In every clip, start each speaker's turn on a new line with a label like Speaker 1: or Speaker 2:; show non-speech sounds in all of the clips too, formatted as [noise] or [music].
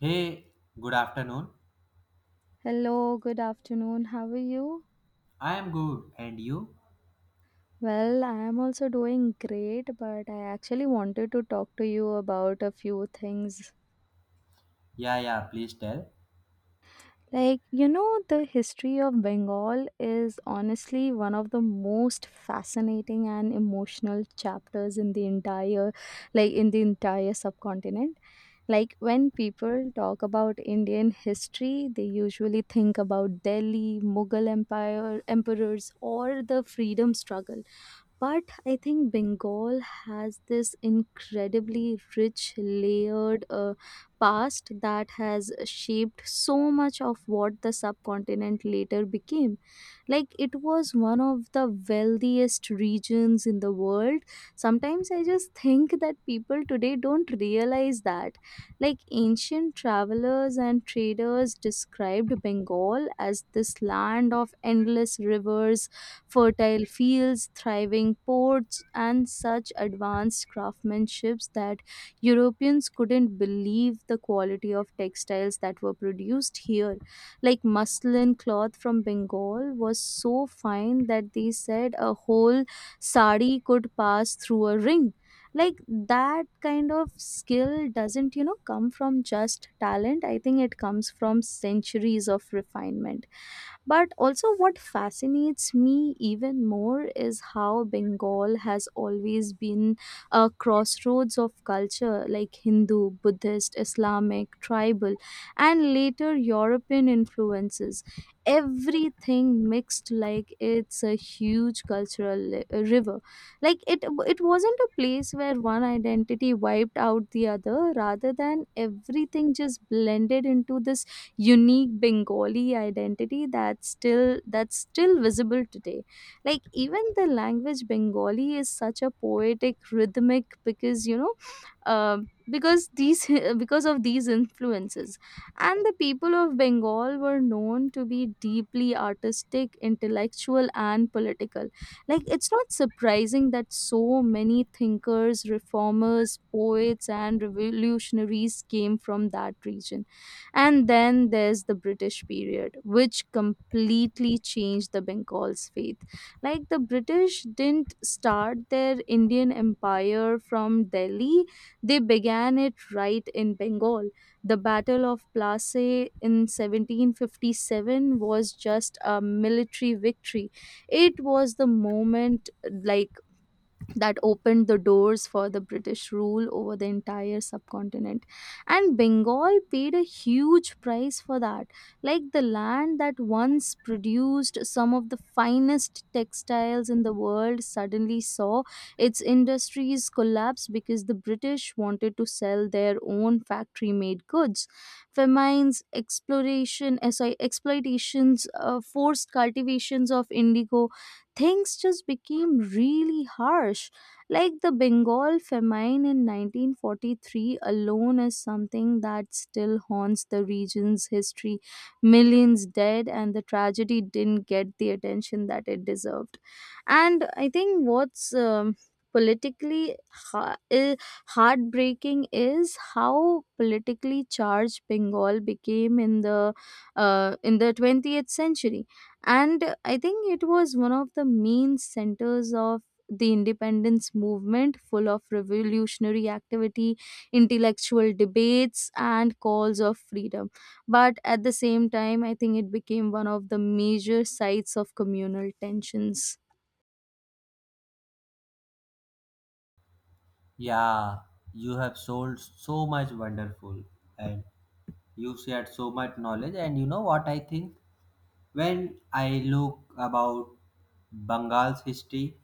Speaker 1: Hey, good afternoon.
Speaker 2: Hello, good afternoon. How are you?
Speaker 1: I am good. And you?
Speaker 2: Well, I am also doing great, but I actually wanted to talk to you about a few things.
Speaker 1: Yeah, yeah, please tell.
Speaker 2: The history of Bengal is honestly one of the most fascinating and emotional chapters in the entire in the entire subcontinent. Like when people talk about Indian history, they usually think about Delhi, Mughal Empire, emperors or the freedom struggle. But I think Bengal has this incredibly rich, layered past that has shaped so much of what the subcontinent later became. Like, it was one of the wealthiest regions in the world. Sometimes I just think that people today don't realize that. Like, ancient travelers and traders described Bengal as this land of endless rivers, fertile fields, thriving ports, and such advanced craftsmanships that Europeans couldn't believe the quality of textiles that were produced here. Like muslin cloth from Bengal was so fine that they said a whole sari could pass through a ring. Like that kind of skill doesn't come from just talent. I think it comes from centuries of refinement. But also, what fascinates me even more is how Bengal has always been a crossroads of culture like Hindu, Buddhist, Islamic, tribal, and later European influences. Everything mixed like it's a huge cultural river. Like it wasn't a place where one identity wiped out the other, rather than everything just blended into this unique Bengali identity that's still visible today. Like even the language Bengali is such a poetic, rhythmic because you know because these [laughs] because of these influences. And the people of Bengal were known to be deeply artistic, intellectual and political. Like it's not surprising that so many thinkers, reformers, poets and revolutionaries came from that region. And then there's the British period, which completely changed the Bengal's faith. Like the British didn't start their Indian empire from Delhi, they began it right in Bengal. The Battle of Plassey in 1757 was just a military victory. It was the moment like that opened the doors for the British rule over the entire subcontinent. And Bengal paid a huge price for that. Like the land that once produced some of the finest textiles in the world suddenly saw its industries collapse because the British wanted to sell their own factory made goods. Famines, exploration, eh, sorry, exploitations, forced cultivations of indigo, things just became really harsh like the Bengal famine in 1943 alone is something that still haunts the region's history. Millions dead, and the tragedy didn't get the attention that it deserved. And I think what's politically ha- i- heartbreaking is how politically charged Bengal became in the 20th century. And I think it was one of the main centers of the independence movement, full of revolutionary activity, intellectual debates, and calls of freedom. But at the same time, I think it became one of the major sites of communal tensions.
Speaker 1: Yeah, you have sold so much wonderful and you shared so much knowledge. And you know what I think? When I look about Bengal's history,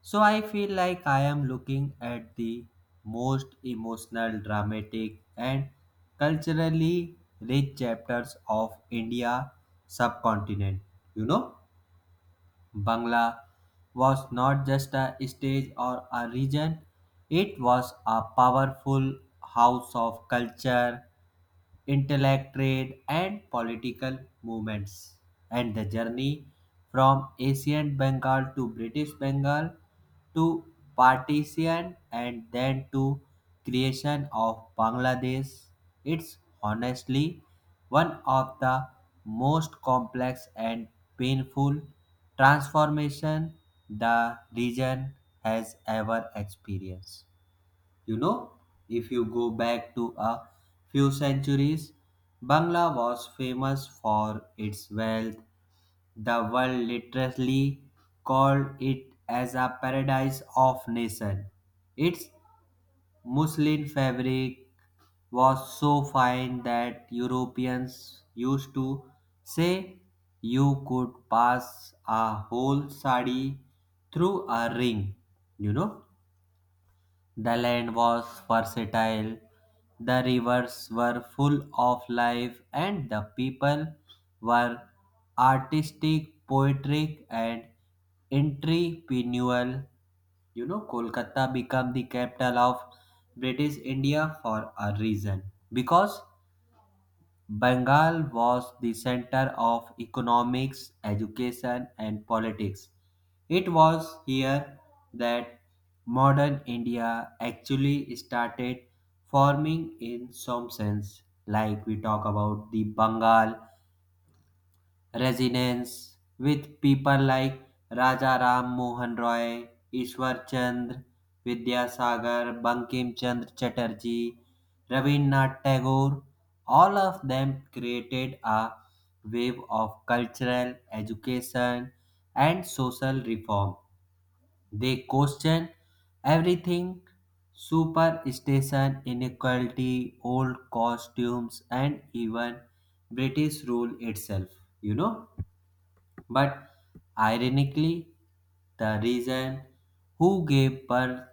Speaker 1: so I feel like I am looking at the most emotional, dramatic, and culturally rich chapters of India subcontinent. You know? Bangla was not just a stage or a region, it was a powerful house of culture, intellectual, and political movements. And the journey from ancient Bengal to British Bengal to partition and then to creation of Bangladesh, it's honestly one of the most complex and painful transformation the region has ever experienced. You know, if you go back to a few centuries, Bangla was famous for its wealth. The world literally called it as a paradise of nations. Its muslin fabric was so fine that Europeans used to say you could pass a whole sari through a ring, you know. The land was versatile, the rivers were full of life, and the people were artistic, poetic, and entrepreneurial. You know, Kolkata became the capital of British India for a reason because Bengal was the center of economics, education, and politics. It was here that modern India actually started forming in some sense, like we talk about the Bengal resonance with people like Raja Ram Mohan Roy, Ishwar Chandra Vidyasagar, Bankim Chandra Chatterjee, Rabindranath Tagore. All of them created a wave of cultural education and social reform. They questioned everything: superstition, inequality, old costumes, and even British rule itself. You know? But ironically, the reason who gave birth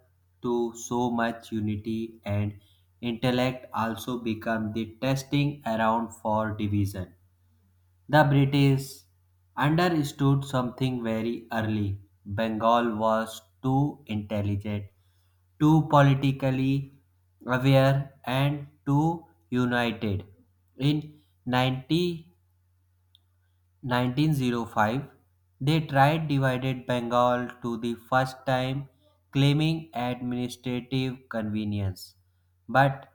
Speaker 1: to so much unity and intellect also became the testing ground for division. The British understood something very early. Bengal was too intelligent, too politically aware, and too united. In 90 1905, they tried divided Bengal to the first time, claiming administrative convenience. But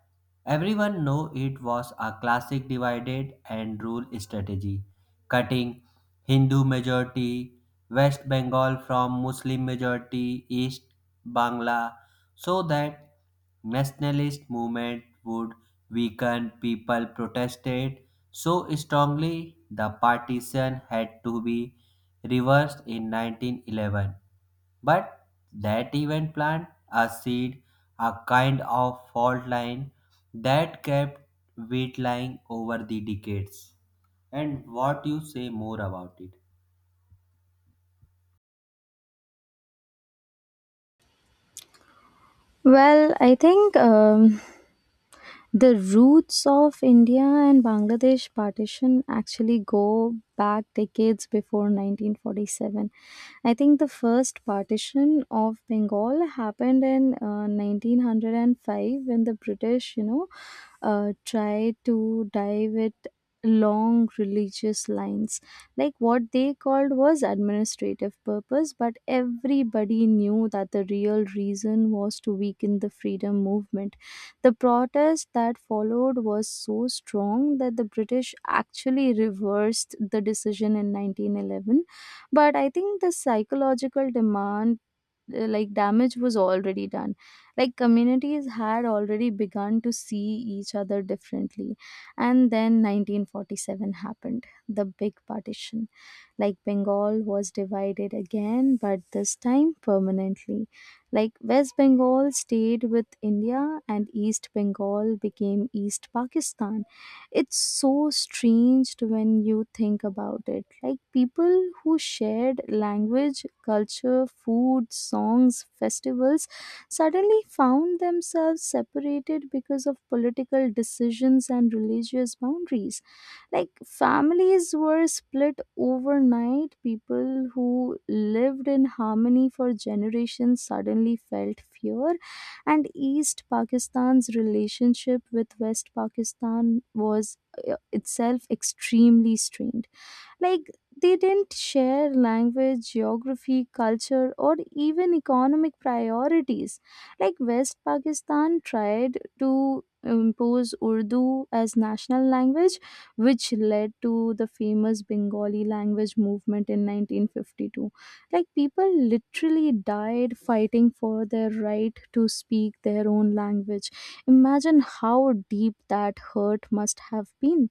Speaker 1: everyone knew it was a classic divided and rule strategy, cutting Hindu majority West Bengal from Muslim majority East Bangla so that nationalist movement would weaken. People protested so strongly the partition had to be reversed in 1911. But that event planted a seed, a kind of fault line that kept wheat lying over the decades. And what you say more about it?
Speaker 2: Well, I think the roots of India and Bangladesh partition actually go back decades before 1947. I think the first partition of Bengal happened in 1905 when the British tried to dive it long religious lines. Like what they called was administrative purpose, but everybody knew that the real reason was to weaken the freedom movement. The protest that followed was so strong that the British actually reversed the decision in 1911. But I think the psychological demand like damage was already done. Like communities had already begun to see each other differently. And then 1947 happened, the big partition. Like Bengal was divided again, but this time permanently. Like West Bengal stayed with India and East Bengal became East Pakistan. It's so strange to when you think about it, like people who shared language, culture, food, songs, festivals suddenly found themselves separated because of political decisions and religious boundaries. Like families were split overnight. People who lived in harmony for generations suddenly felt fear. And East Pakistan's relationship with West Pakistan was itself extremely strained. Like, they didn't share language, geography, culture, or even economic priorities. Like, West Pakistan tried to impose Urdu as national language, which led to the famous Bengali language movement in 1952. Like, people literally died fighting for their right to speak their own language. Imagine how deep that hurt must have been.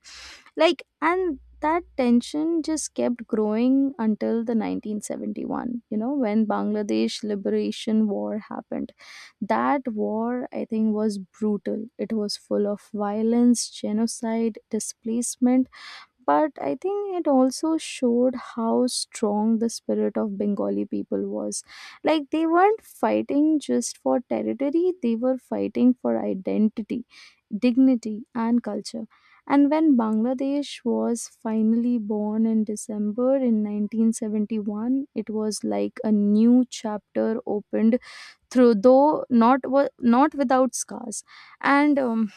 Speaker 2: Like, and that tension just kept growing until the 1971, you know, when Bangladesh Liberation War happened. That war, I think, was brutal. It was full of violence, genocide, displacement, but I think it also showed how strong the spirit of Bengali people was. Like they weren't fighting just for territory, they were fighting for identity, dignity and culture. And when Bangladesh was finally born in December in 1971, it was like a new chapter opened through, though not without scars. And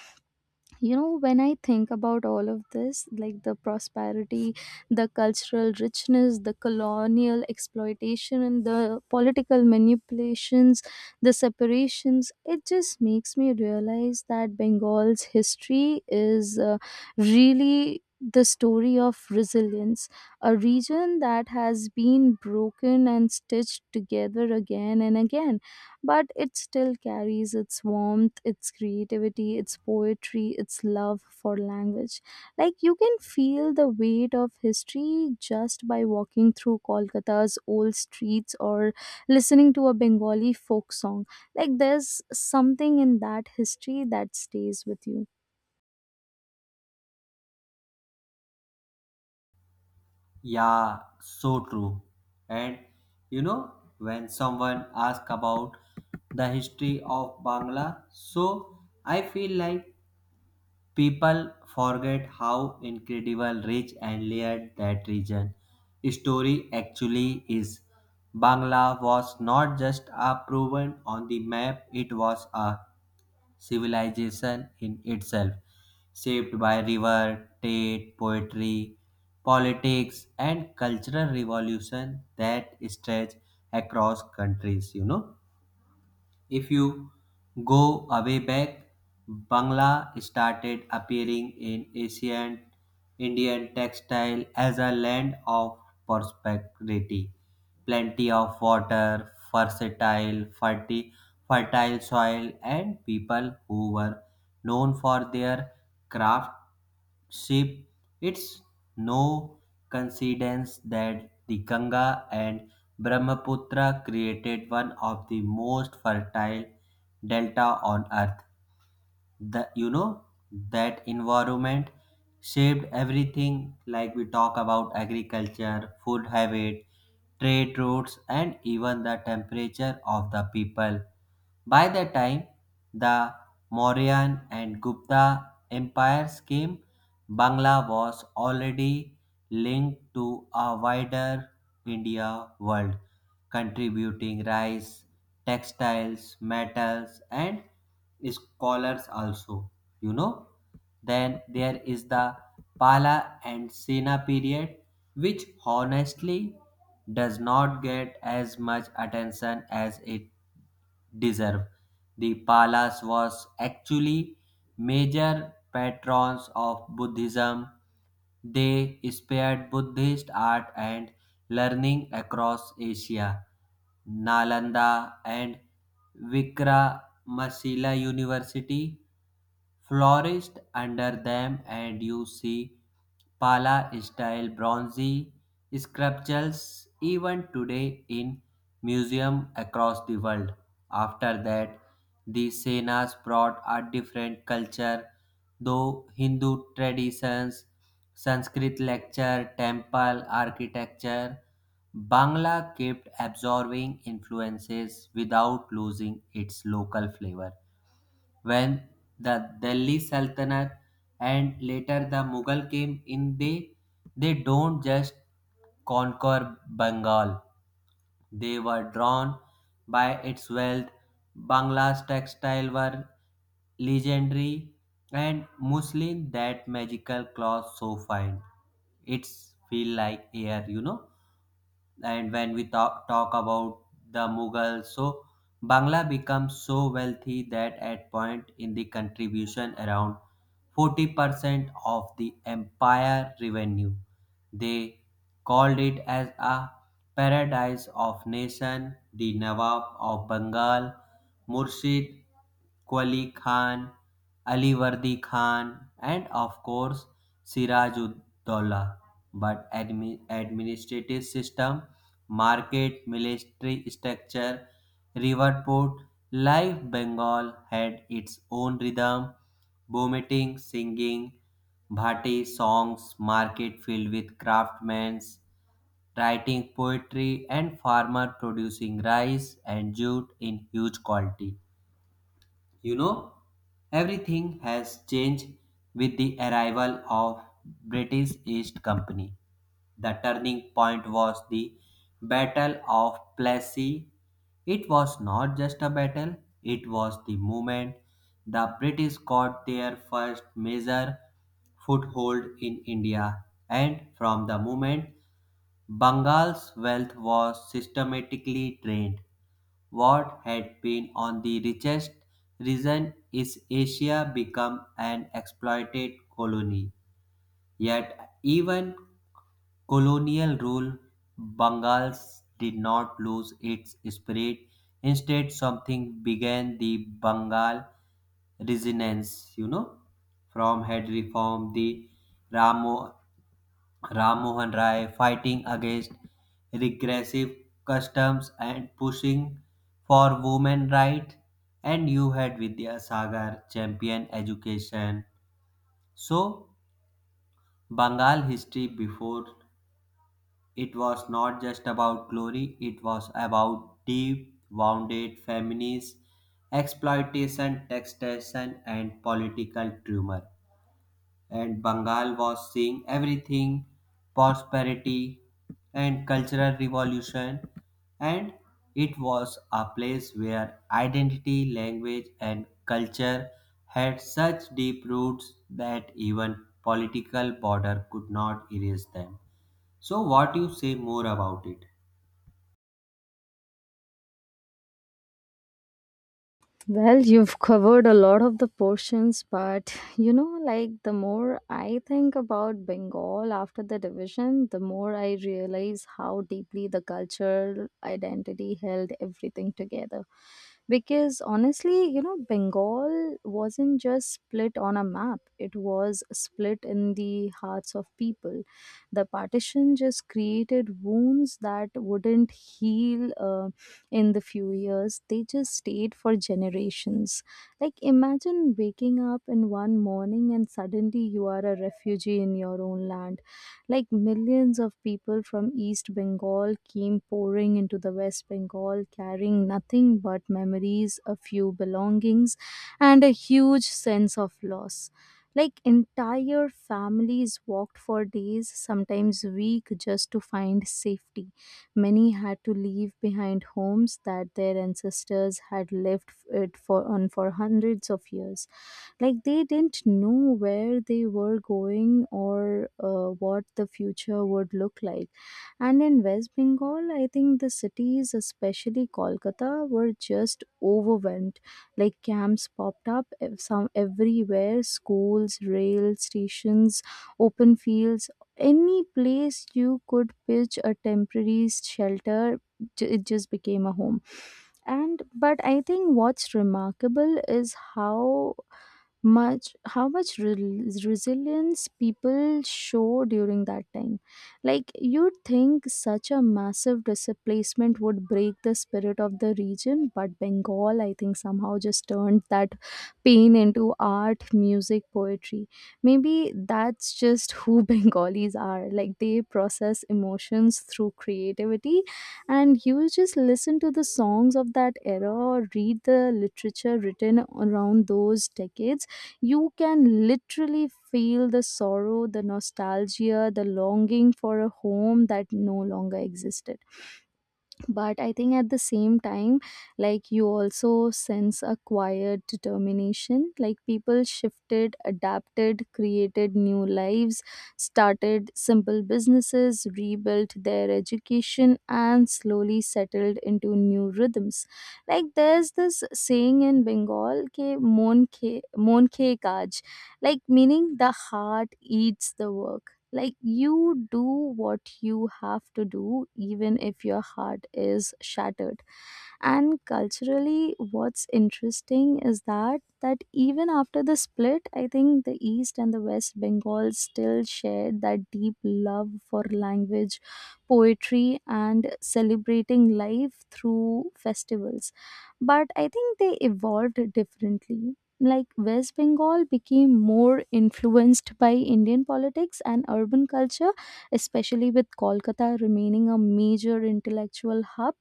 Speaker 2: you know, when I think about all of this, like the prosperity, the cultural richness, the colonial exploitation and the political manipulations, the separations, it just makes me realize that Bengal's history is really the story of resilience. A region that has been broken and stitched together again and again, but it still carries its warmth, its creativity, its poetry, its love for language. Like you can feel the weight of history just by walking through Kolkata's old streets or listening to a Bengali folk song. Like there's something in that history that stays with you.
Speaker 1: Yeah, so true. And you know, when someone asks about the history of Bangla, so I feel like people forget how incredible, rich, and layered that region story actually is. Bangla was not just a proven on the map, it was a civilization in itself, shaped by river, trade, poetry, politics, and cultural revolution that stretch across countries, you know. If you go away back, Bangla started appearing in ancient Indian textile as a land of prosperity, plenty of water, versatile, fertile soil, and people who were known for their craftsmanship. It's no coincidence that the Ganga and Brahmaputra created one of the most fertile delta on earth. The, you know, that environment shaped everything like we talk about agriculture, food habit, trade routes, and even the temperature of the people. By the time the Mauryan and Gupta empires came, Bangla was already linked to a wider India world contributing rice, textiles, metals, and scholars also. You know, then there is the Pala and Sena period, which honestly does not get as much attention as it deserved. The Palas was actually major patrons of Buddhism. They spread Buddhist art and learning across Asia. Nalanda and Vikramasila University flourished under them, and you see Pala style bronze sculptures even today in museums across the world. After that, the Senas brought a different culture, though Hindu traditions, Sanskrit lecture, temple architecture, Bangla kept absorbing influences without losing its local flavor. When the Delhi Sultanate and later the Mughal came in, they don't just conquer Bengal, they were drawn by its wealth. Bangla's textiles were legendary, and muslin, that magical cloth so fine, it's feel like air. And when we talk about the mughals, so bangla becomes so wealthy that at point in the contribution around 40% of the empire revenue. They called it as a paradise of nation, the nawab of bengal, murshid qali khan, Ali Wardi khan, and of course sirajuddaulah. But administrative system, market, military structure, river port, life, Bengal had its own rhythm, vomiting, singing, bhati songs, market filled with craftsmen writing poetry and farmer producing rice and jute in huge quantity. You know, everything has changed with the arrival of British East Company. The turning point was the Battle of Plassey. It was not just a battle, it was the moment the British got their first major foothold in India, and from the moment Bengal's wealth was systematically drained. What had been on the richest region is Asia become an exploited colony. Yet even colonial rule, Bengal did not lose its spirit. Instead, something began the Bengal resonance, you know, from had reformed the Ramo Ram Mohan Rai fighting against regressive customs and pushing for women rights, and you had Vidya Sagar champion education. So Bengal history before it was not just about glory, it was about deep wounded feminist exploitation, taxation and political tumor. And Bengal was seeing everything, prosperity and cultural revolution, and it was a place where identity, language and culture had such deep roots that even political border could not erase them. So what you say more about it?
Speaker 2: Well, you've covered a lot of the portions, but you know, like the more I think about Bengal after the division, the more I realize how deeply the cultural identity held everything together. Because honestly, you know, Bengal wasn't just split on a map, it was split in the hearts of people. The partition just created wounds that wouldn't heal. In the few years. They just stayed for generations. Like, imagine waking up in one morning and suddenly you are a refugee in your own land. Like, millions of people from East Bengal came pouring into the West Bengal carrying nothing but memories, a few belongings, and a huge sense of loss. Like entire families walked for days, sometimes week, just to find safety. Many had to leave behind homes that their ancestors had lived it for on for hundreds of years. Like they didn't know where they were going or what the future would look like. And in West Bengal, I think the cities, especially Kolkata, were just overwhelmed. Like camps popped up ev- some everywhere, schools, rail stations, open fields, any place you could pitch a temporary shelter it just became a home. And but I think what's remarkable is how much resilience people show during that time. Like you'd think such a massive displacement would break the spirit of the region, but Bengal I think somehow just turned that pain into art, music, poetry. Maybe that's just who [laughs] Bengalis are. Like they process emotions through creativity. And you just listen to the songs of that era or read the literature written around those decades, you can literally feel the sorrow, the nostalgia, the longing for a home that no longer existed. But I think at the same time, like you also sense a quiet determination. Like people shifted, adapted, created new lives, started simple businesses, rebuilt their education and slowly settled into new rhythms. Like there's this saying in Bengal, ke mon ke mon ke kaj, like meaning the heart eats the work. Like you do what you have to do even if your heart is shattered. And culturally what's interesting is that even after the split, I think the east and the west Bengal still shared that deep love for language, poetry and celebrating life through festivals. But I think they evolved differently. Like West Bengal became more influenced by Indian politics and urban culture, especially with Kolkata remaining a major intellectual hub.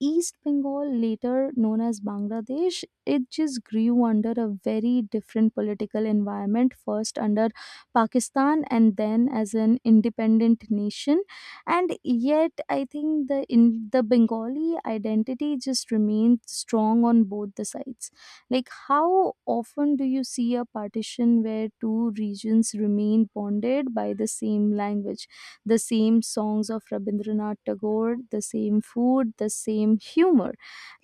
Speaker 2: East Bengal, later known as Bangladesh, it just grew under a very different political environment, first under Pakistan and then as an independent nation. And yet, I think the Bengali identity just remained strong on both the sides. Like, how often do you see a partition where two regions remain bonded by the same language? The same songs of Rabindranath Tagore, the same food, the same humor.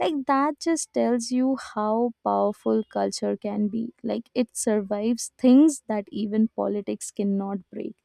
Speaker 2: Like that just tells you how powerful culture can be. Like it survives things that even politics cannot break.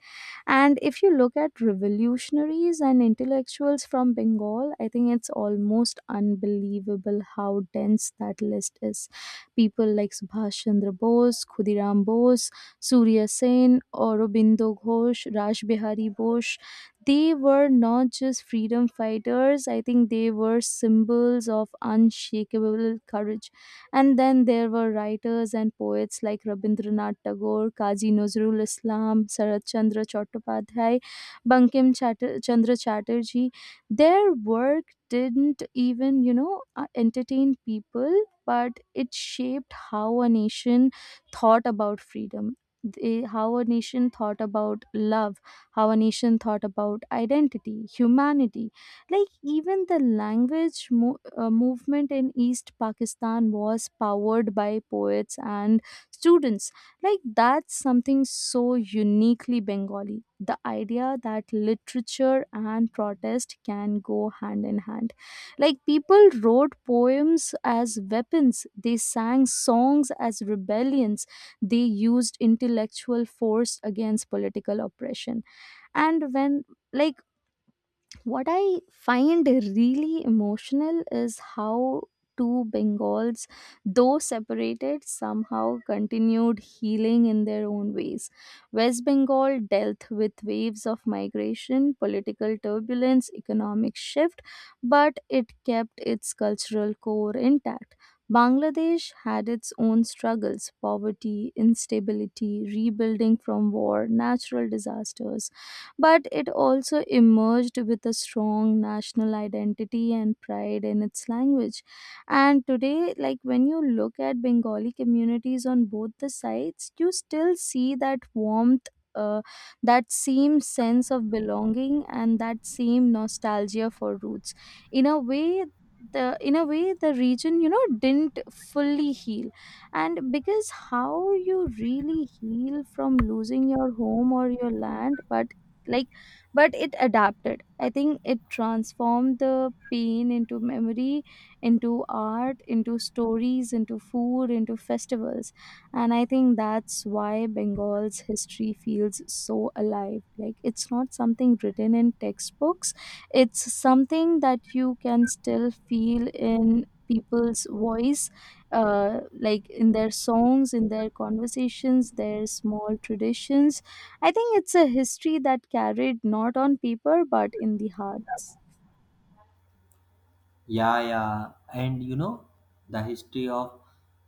Speaker 2: And if you look at revolutionaries and intellectuals from Bengal, I think it's almost unbelievable how dense that list is. People like Subhash Chandra Bose, Khudiram Bose, Surya Sen, Aurobindo Ghosh, Raj Bihari Bose. They were not just freedom fighters, I think they were symbols of unshakable courage. And then there were writers and poets like Rabindranath Tagore, Kazi Nazrul Islam, Sarat Chandra Chattopadhyay, Chandra Chatterjee. Their work didn't entertain people, but it shaped how a nation thought about how a nation thought about love, how a nation thought about identity, humanity. Like even the language movement in East Pakistan was powered by poets and students. Like that's something so uniquely Bengali. The idea that literature and protest can go hand in hand. Like people wrote poems as weapons, they sang songs as rebellions, they used intellectual force against political oppression and when like what I find really emotional is how two Bengals, though separated, somehow continued healing in their own ways. West Bengal dealt with waves of migration, political turbulence, economic shift, but it kept its cultural core intact. Bangladesh had its own struggles: poverty, instability, rebuilding from war, natural disasters, but it also emerged with a strong national identity and pride in its language. And today, like when you look at Bengali communities on both the sides, you still see that warmth. Uh, that same sense of belonging and that same nostalgia for roots. in a way in a way, the region didn't fully heal, and because how you really heal from losing your home or your land but like but it adapted. I think it transformed the pain into memory, into art, into stories, into food, into festivals. And I think that's why Bengal's history feels so alive. Like it's not something written in textbooks, it's something that you can still feel in people's voice, like in their songs, in their conversations, their small traditions. I think it's a history that carried not on paper but in the hearts.
Speaker 1: Yeah, yeah. And you know, the history of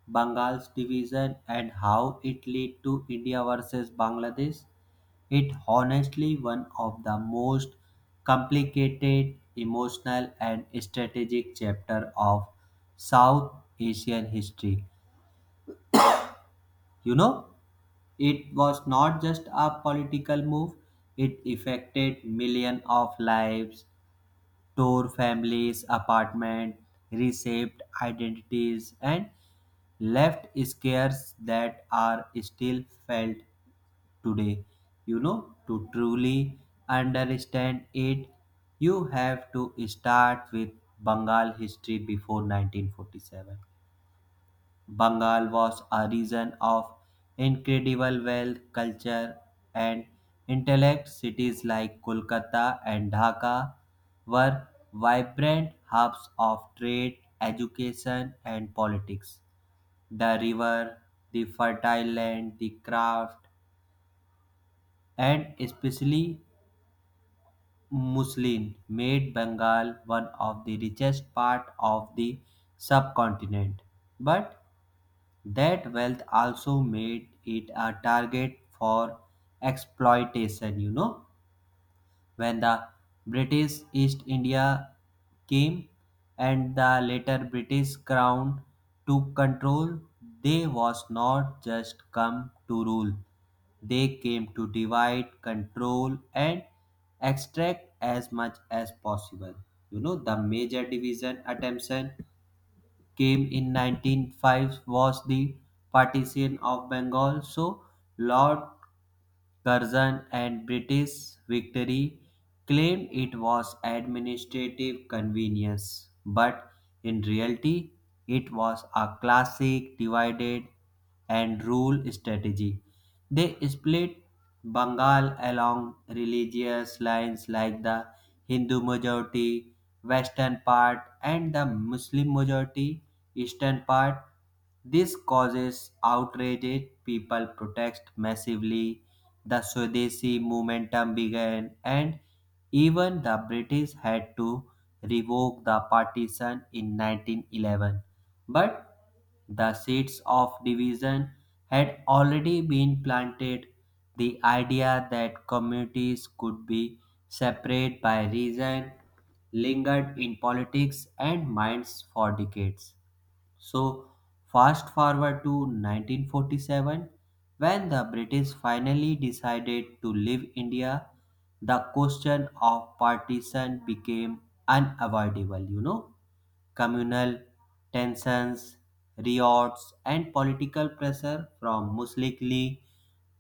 Speaker 1: Bengal's division and how it led to India versus Bangladesh, it honestly one of the most complicated, emotional and strategic chapter of South Asian history. You know, it was not just a political move, it affected millions of lives, tore families, apartment, reshaped identities, and left scars that are still felt today. You know, to truly understand it, you have to start with Bengal history before 1947. Bengal was a region of incredible wealth, culture, and intellect. Cities like Kolkata and Dhaka were vibrant hubs of trade, education, and politics. The river, the fertile land, the craft, and especially muslin made Bengal one of the richest part of the subcontinent. But that wealth also made it a target for exploitation. You know, when the British East India came and the later British crown took control, they was not just come to rule. They came to divide, control and extract as much as possible. You know, the major division attention came in 1905 was the partition of Bengal, so Lord Curzon and British victory claimed it was administrative convenience, but in reality it was a classic divided and rule strategy. They split Bengal along religious lines like the Hindu majority western part and the Muslim majority eastern part. This causes outrage. People protest massively. The Swadeshi momentum began, and even the British had to revoke the partition in 1911. But the seeds of division had already been planted. The idea that communities could be separate by reason lingered in politics and minds for decades. So, fast forward to 1947, when the British finally decided to leave India, the question of partition became unavoidable. You know, communal tensions, riots, and political pressure from Muslim League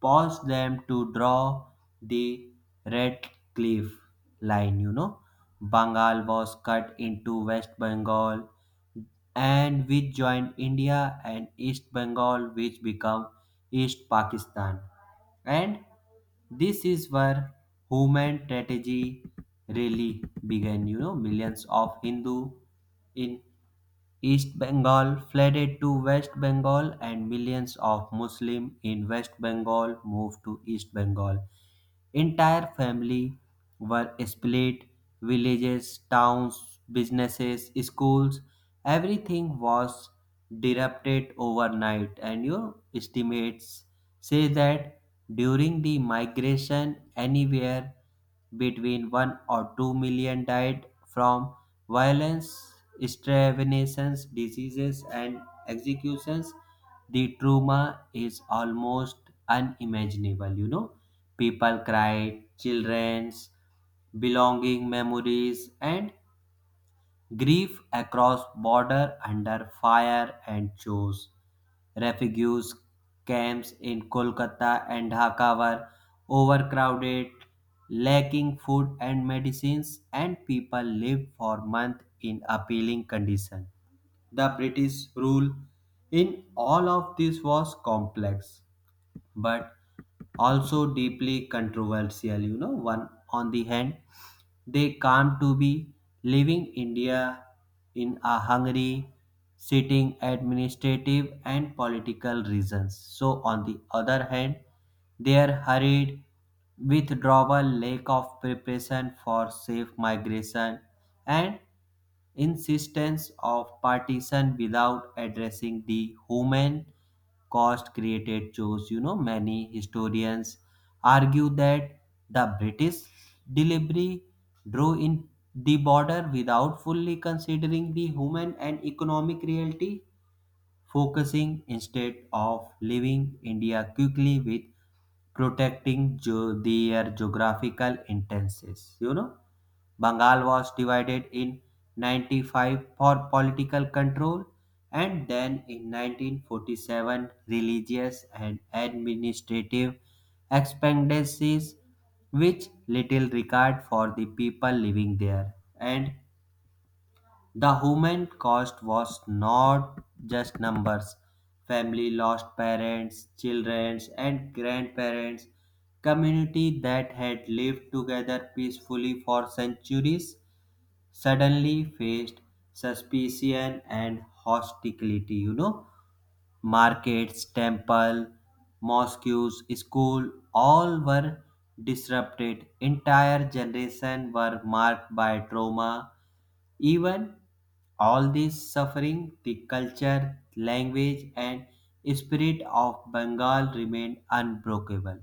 Speaker 1: caused them to draw the Red Cliff Line. You know, Bengal was cut into West Bengal, and which joined India, and East Bengal, which became East Pakistan. And this is where human tragedy really began. You know, millions of Hindu in East Bengal flooded to West Bengal and millions of Muslims in West Bengal moved to East Bengal. Entire family were split, villages, towns, businesses, schools, everything was disrupted overnight, and your estimates say that during the migration, anywhere between 1 or 2 million died from violence, starvenations, diseases, and executions. The trauma is almost unimaginable. You know, people cried, children's belonging, memories, and grief across border under fire and chose. Refugee camps in Kolkata and Dhaka were overcrowded, lacking food and medicines, and people lived for months in appalling conditions. The British rule in all of this was complex but also deeply controversial. You know, one on the hand, they come to be leaving India in a hungry, sitting administrative and political reasons. So, on the other hand, their hurried withdrawal, lack of preparation for safe migration, and insistence of partition without addressing the human cost created shows. You know, many historians argue that the british delivery drew in the border without fully considering the human and economic reality, focusing instead of leaving india quickly with protecting their geographical interests. You know, Bengal was divided in 95 for political control, and then in 1947 religious and administrative expendencies which little regard for the people living there, and the human cost was not just numbers. Family lost parents, children, and grandparents. Community that had lived together peacefully for centuries suddenly faced suspicion and hostility. You know, markets, temple, mosques, school, all were disrupted. Entire generation were marked by trauma. Even all this suffering, the culture, language, and spirit of Bengal remained unbreakable.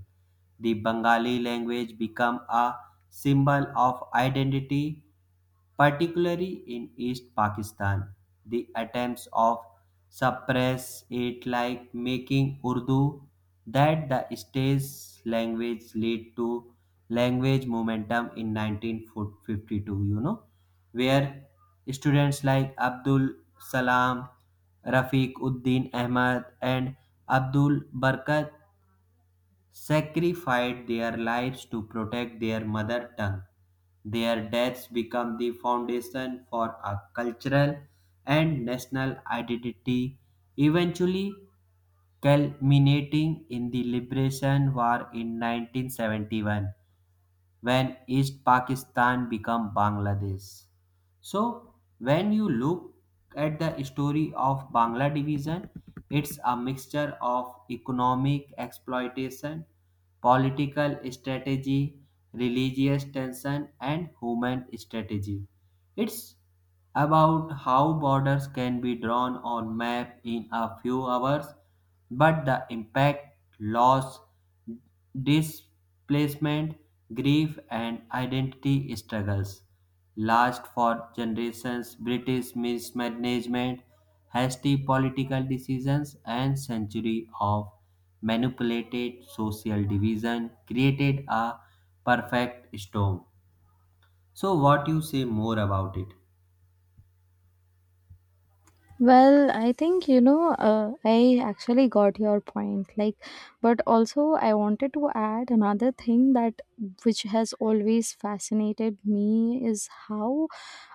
Speaker 1: The Bengali language became a symbol of identity, particularly in East Pakistan. The attempts of suppress it, like making Urdu that the state's language, lead to language momentum in 1952. You know, where students like Abdul Salam, Rafiq Uddin Ahmad, and Abdul Barkat sacrificed their lives to protect their mother tongue. Their deaths become the foundation for a cultural and national identity, eventually culminating in the Liberation War in 1971 when East Pakistan became Bangladesh. So when you look at the story of Bangla division, it's a mixture of economic exploitation, political strategy, religious tension, and human strategy. It's about how borders can be drawn on map in a few hours, but the impact, loss, displacement, grief, and identity struggles last for generations. British mismanagement, hasty political decisions, and century of manipulated social division created a perfect storm. So, what you say more about it?
Speaker 2: Well, I actually got your point. But also I wanted to add another thing that which has always fascinated me is how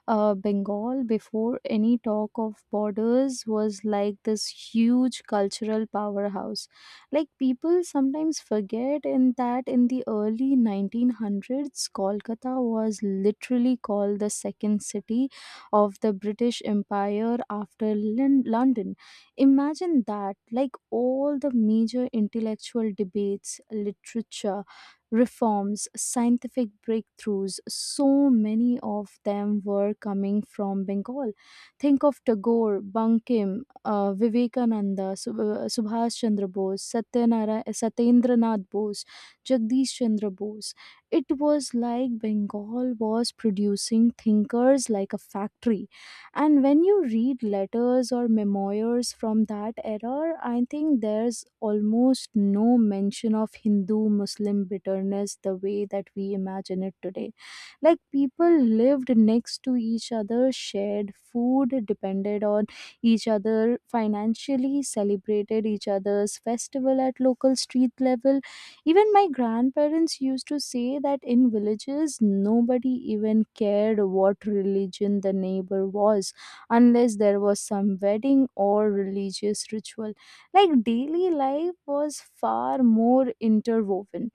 Speaker 2: Bengal, before any talk of borders, was like this huge cultural powerhouse. Like people sometimes forget in that in the early 1900s, Kolkata was literally called the second city of the British Empire after London. Imagine that! Like all the major intellectual debates, literature reforms, scientific breakthroughs, so many of them were coming from Bengal. Think of Tagore, Bankim, Vivekananda, Subhash Chandra Bose, Satyendranath Bose, Jagdish Chandra Bose. It was like Bengal was producing thinkers like a factory. And when you read letters or memoirs from that era, I think there's almost no mention of hindu muslim bitterness the way that we imagine it today. Like people lived next to each other, shared food, depended on each other financially, celebrated each other's festival at local street level. Even my grandparents used to say that in villages, nobody even cared what religion the neighbor was unless there was some wedding or religious ritual. Like daily life was far more interwoven.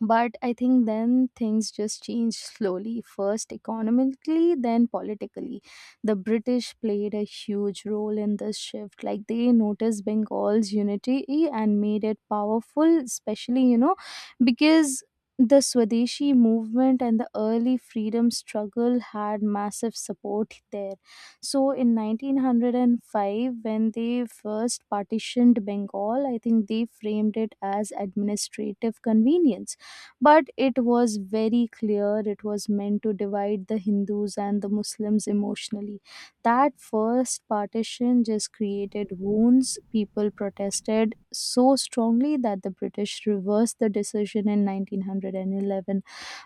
Speaker 2: But I think then things just changed slowly, first economically, then politically. The British played a huge role in this shift. Like they noticed Bengal's unity and made it powerful, especially, because the Swadeshi movement and the early freedom struggle had massive support there. So in 1905, when they first partitioned Bengal, I think they framed it as administrative convenience, but it was very clear it was meant to divide the Hindus and the Muslims emotionally. That first partition just created wounds. People protested so strongly that the British reversed the decision in 1911,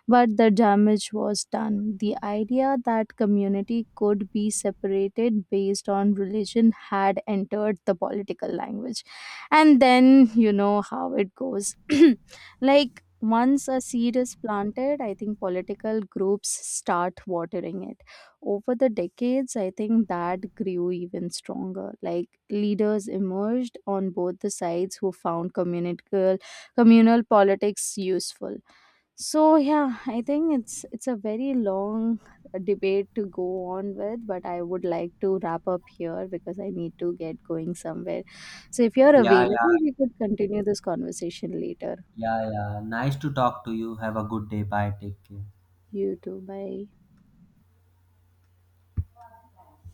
Speaker 2: but the damage was done. The idea that community could be separated based on religion had entered the political language. And then you know how it goes. [clears throat] Like once a seed is planted, I think political groups start watering it. Over the decades, I think that grew even stronger. Like leaders emerged on both the sides who found communal politics useful. So yeah, I think it's a very long debate to go on with, but I would like to wrap up here because I need to get going somewhere. So if you're
Speaker 1: Yeah,
Speaker 2: available,
Speaker 1: yeah,
Speaker 2: we could continue this conversation later.
Speaker 1: yeah, yeah. Nice to talk to you. Have a good day. Bye. Take care.
Speaker 2: You too. Bye.